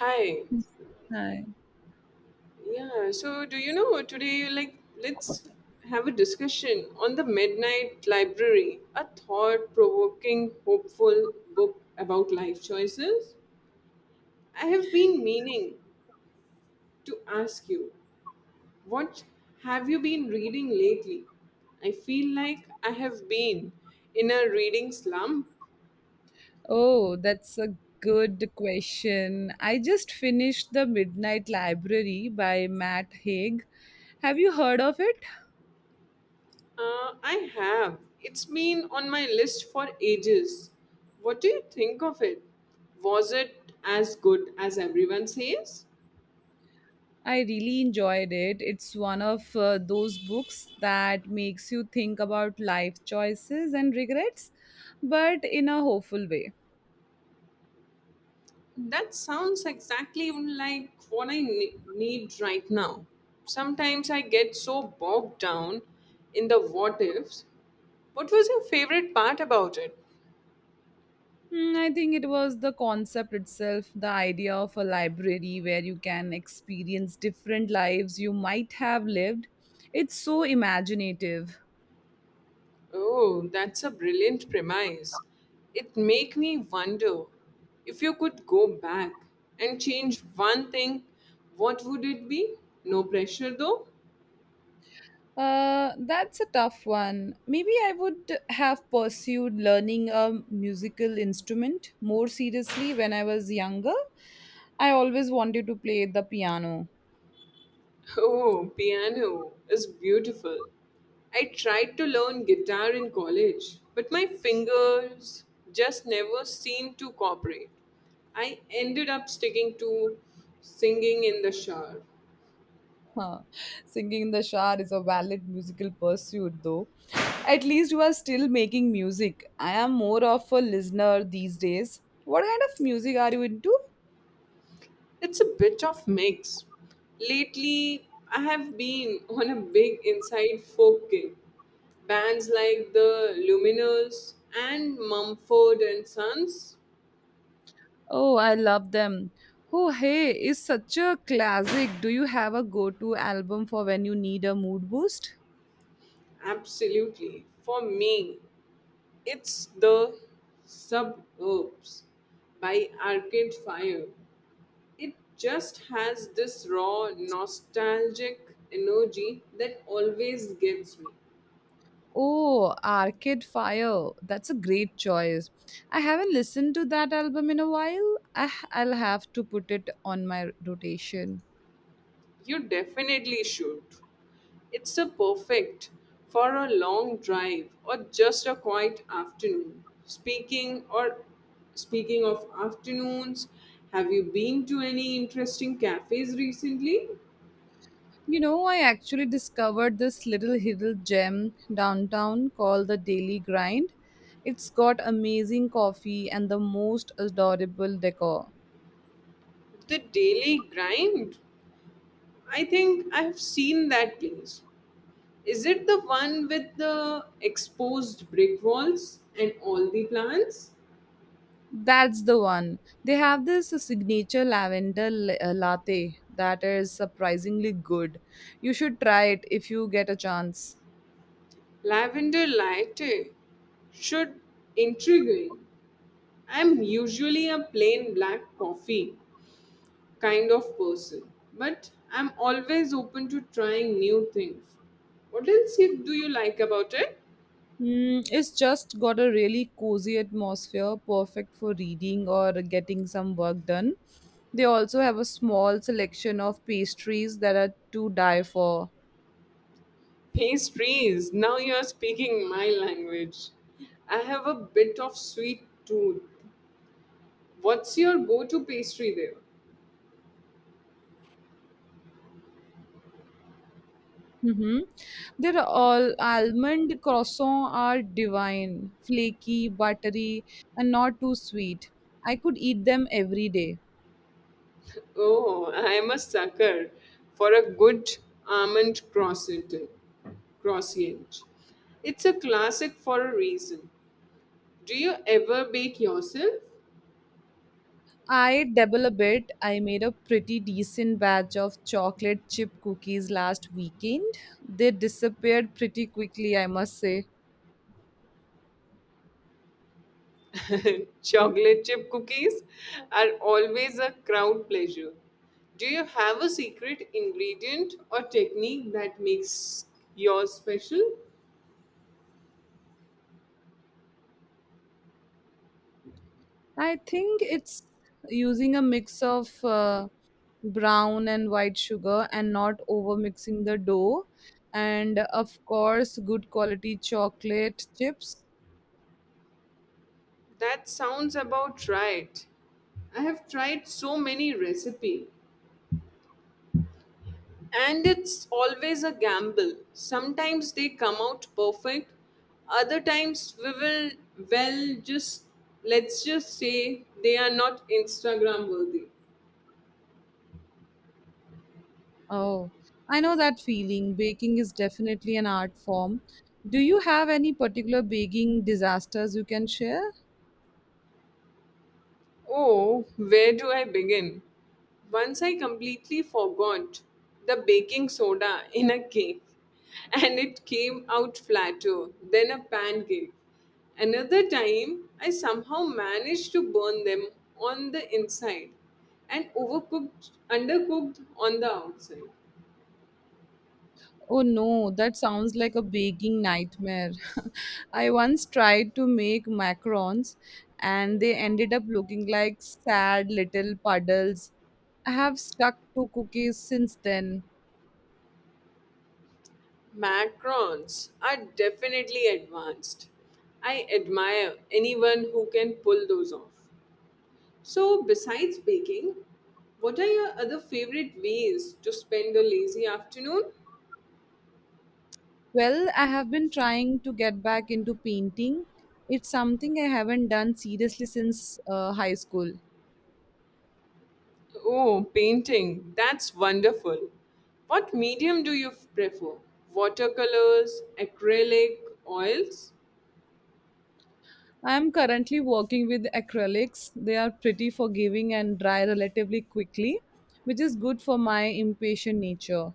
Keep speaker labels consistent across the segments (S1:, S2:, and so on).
S1: Hi.
S2: Hi.
S1: Yeah. So, do you know today, like, let's have a discussion on the Midnight Library, a thought provoking, hopeful book about life choices? I have been meaning to ask you, what have you been reading lately? I feel like I have been in a reading slump.
S2: Oh, that's a good question. I just finished The Midnight Library by Matt Haig. Have you heard of it?
S1: I have. It's been on my list for ages. What do you think of it? Was it as good as everyone says?
S2: I really enjoyed it. It's one of those books that makes you think about life choices and regrets, but in a hopeful way.
S1: That sounds exactly like what need right now. Sometimes I get so bogged down in the what ifs. What was your favorite part about it?
S2: I think it was the concept itself, the idea of a library where you can experience different lives you might have lived. It's so imaginative.
S1: Oh, that's a brilliant premise. It make me wonder if you could go back and change one thing, what would it be? No pressure though.
S2: That's a tough one. Maybe I would have pursued learning a musical instrument more seriously when I was younger. I always wanted to play the piano.
S1: Oh, piano is beautiful. I tried to learn guitar in college, but my fingers just never seemed to cooperate. I ended up sticking to singing in the shower.
S2: Huh. Singing in the shower is a valid musical pursuit, though. At least you are still making music. I am more of a listener these days. What kind of music are you into?
S1: It's a bit of mix. Lately, I have been on a big inside folk kick. Bands like the Luminous and Mumford and Sons,
S2: Oh, I love them. Oh, hey is such a classic. Do you have a go to album for when you need a mood boost?
S1: absolutely. For me, it's the Suburbs by Arcade Fire. It just has this raw, nostalgic energy that always gets me.
S2: Oh, Arcade Fire. That's a great choice. I haven't listened to that album in a while. I'll have to put it on my rotation.
S1: You definitely should. It's a perfect for a long drive or just a quiet afternoon. Speaking of afternoons, have you been to any interesting cafes recently?
S2: You know, I actually discovered this little hidden gem downtown called the Daily Grind. It's got amazing coffee and the most adorable decor.
S1: The Daily Grind. I think I have seen that place. Is it the one with the exposed brick walls and all the plants?
S2: That's the one. They have this signature lavender latte that is surprisingly good. You should try it if you get a chance.
S1: Lavender latte should intriguing. I'm usually a plain black coffee, kind of person, but I'm always open to trying new things. What do you like about it?
S2: It's just got a really cozy atmosphere, perfect for reading or getting some work done. They also have a small selection of pastries that are to die for.
S1: Pastries. Now you are speaking my language. I have a bit of sweet tooth. What's your go to pastry there?
S2: Mhm. They're all almond croissants are divine, flaky, buttery, and not too sweet. I could eat them every day.
S1: Oh, I am a sucker for a good almond croissant. Croissant. It's a classic for a reason. Do you ever bake yourself?
S2: I dabble a bit. I made a pretty decent batch of chocolate chip cookies last weekend. They disappeared pretty quickly, I must say.
S1: Chocolate chip cookies are always a crowd pleasure. Do you have a secret ingredient or technique that makes yours special?
S2: I think it's using a mix of brown and white sugar and not over mixing the dough and of course good quality chocolate chips.
S1: That sounds about right. I have tried so many recipes and it's always a gamble. Sometimes they come out perfect, other times we will well just let's just say they are not Instagram worthy.
S2: Oh, I know that feeling. Baking is definitely an art form. Do you have any particular baking disasters you can share?
S1: Oh, where do I begin? Once I completely forgot the baking soda in a cake and it came out flatter than a pancake. Another time, I somehow managed to burn them on the inside and overcooked, undercooked on the outside.
S2: Oh no, that sounds like a baking nightmare. I once tried to make macarons and they ended up looking like sad little puddles. I have stuck to cookies since then.
S1: Macarons are definitely advanced. I admire anyone who can pull those off. So, besides baking, what are your other favorite ways to spend a lazy afternoon?
S2: Well, I have been trying to get back into painting. It's something I haven't done seriously since high school.
S1: Oh, painting. That's wonderful. What medium prefer? Watercolors, acrylic, oils?
S2: I'm currently working with acrylics. They are pretty forgiving and dry relatively quickly, which is good for my impatient nature.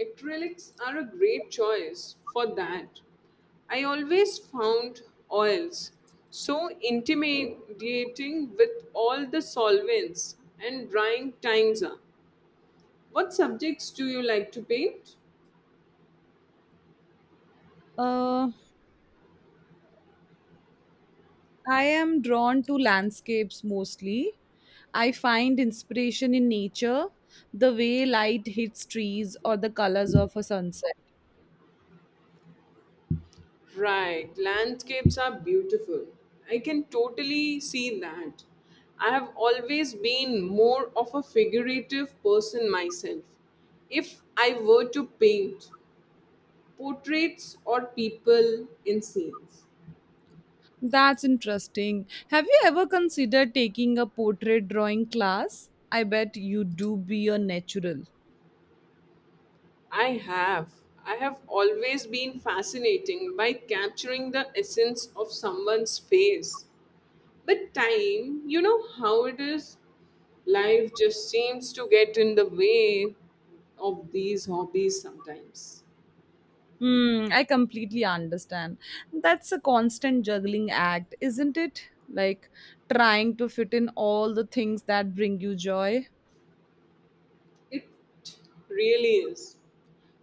S1: Acrylics are a great choice for that. I always found oils so intimidating with all the solvents and drying times are. What subjects do you like to paint?
S2: Uh, I am drawn to landscapes mostly. I find inspiration in nature, the way light hits trees or the colors of a sunset.
S1: Right, landscapes are beautiful. I can totally see that. I have always been more of a figurative person myself. If I were to paint portraits or people in scenes,
S2: That's interesting. Have you ever considered taking a portrait drawing class? I bet you do be a natural.
S1: I have. I have always been fascinating by capturing the essence of someone's face. But time, you know how it is? Life just seems to get in the way of these hobbies sometimes.
S2: Hmm, I completely understand. That's a constant juggling act, isn't it? Like trying to fit in all the things that bring you joy.
S1: It really is.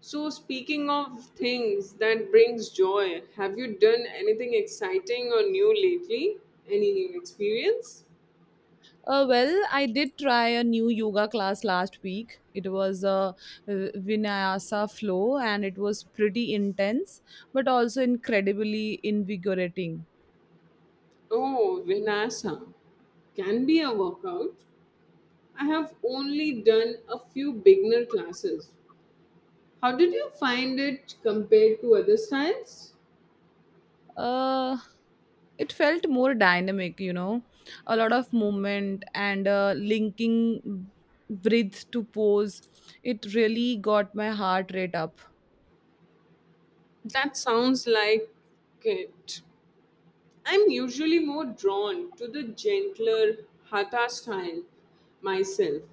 S1: So speaking of things that brings joy, have you done anything exciting or new lately? Any new experience?
S2: Well, I did try a new yoga class last week. It was a Vinyasa flow and it was pretty intense but also incredibly invigorating.
S1: Oh, Vinyasa can be a workout. I have only done a few beginner classes. How did you find it compared to other styles?
S2: uh it felt more dynamic, you know, a lot of movement and linking breath to pose. It really got my heart rate up.
S1: That sounds like it. I'm usually more drawn to the gentler hatha style myself,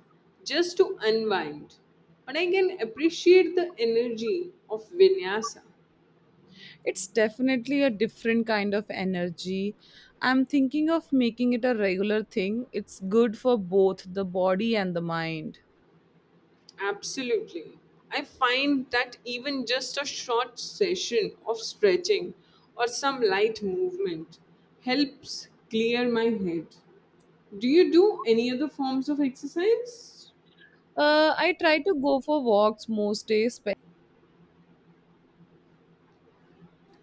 S1: just to unwind. But I can appreciate the energy of vinyasa.
S2: It's definitely a different kind of energy. I'm thinking of making it a regular thing. It's good for both the body and the mind.
S1: Absolutely. I find that even just a short session of stretching or some light movement helps clear my head. Do you do any other forms of exercise?
S2: I try to go for walks most days spe-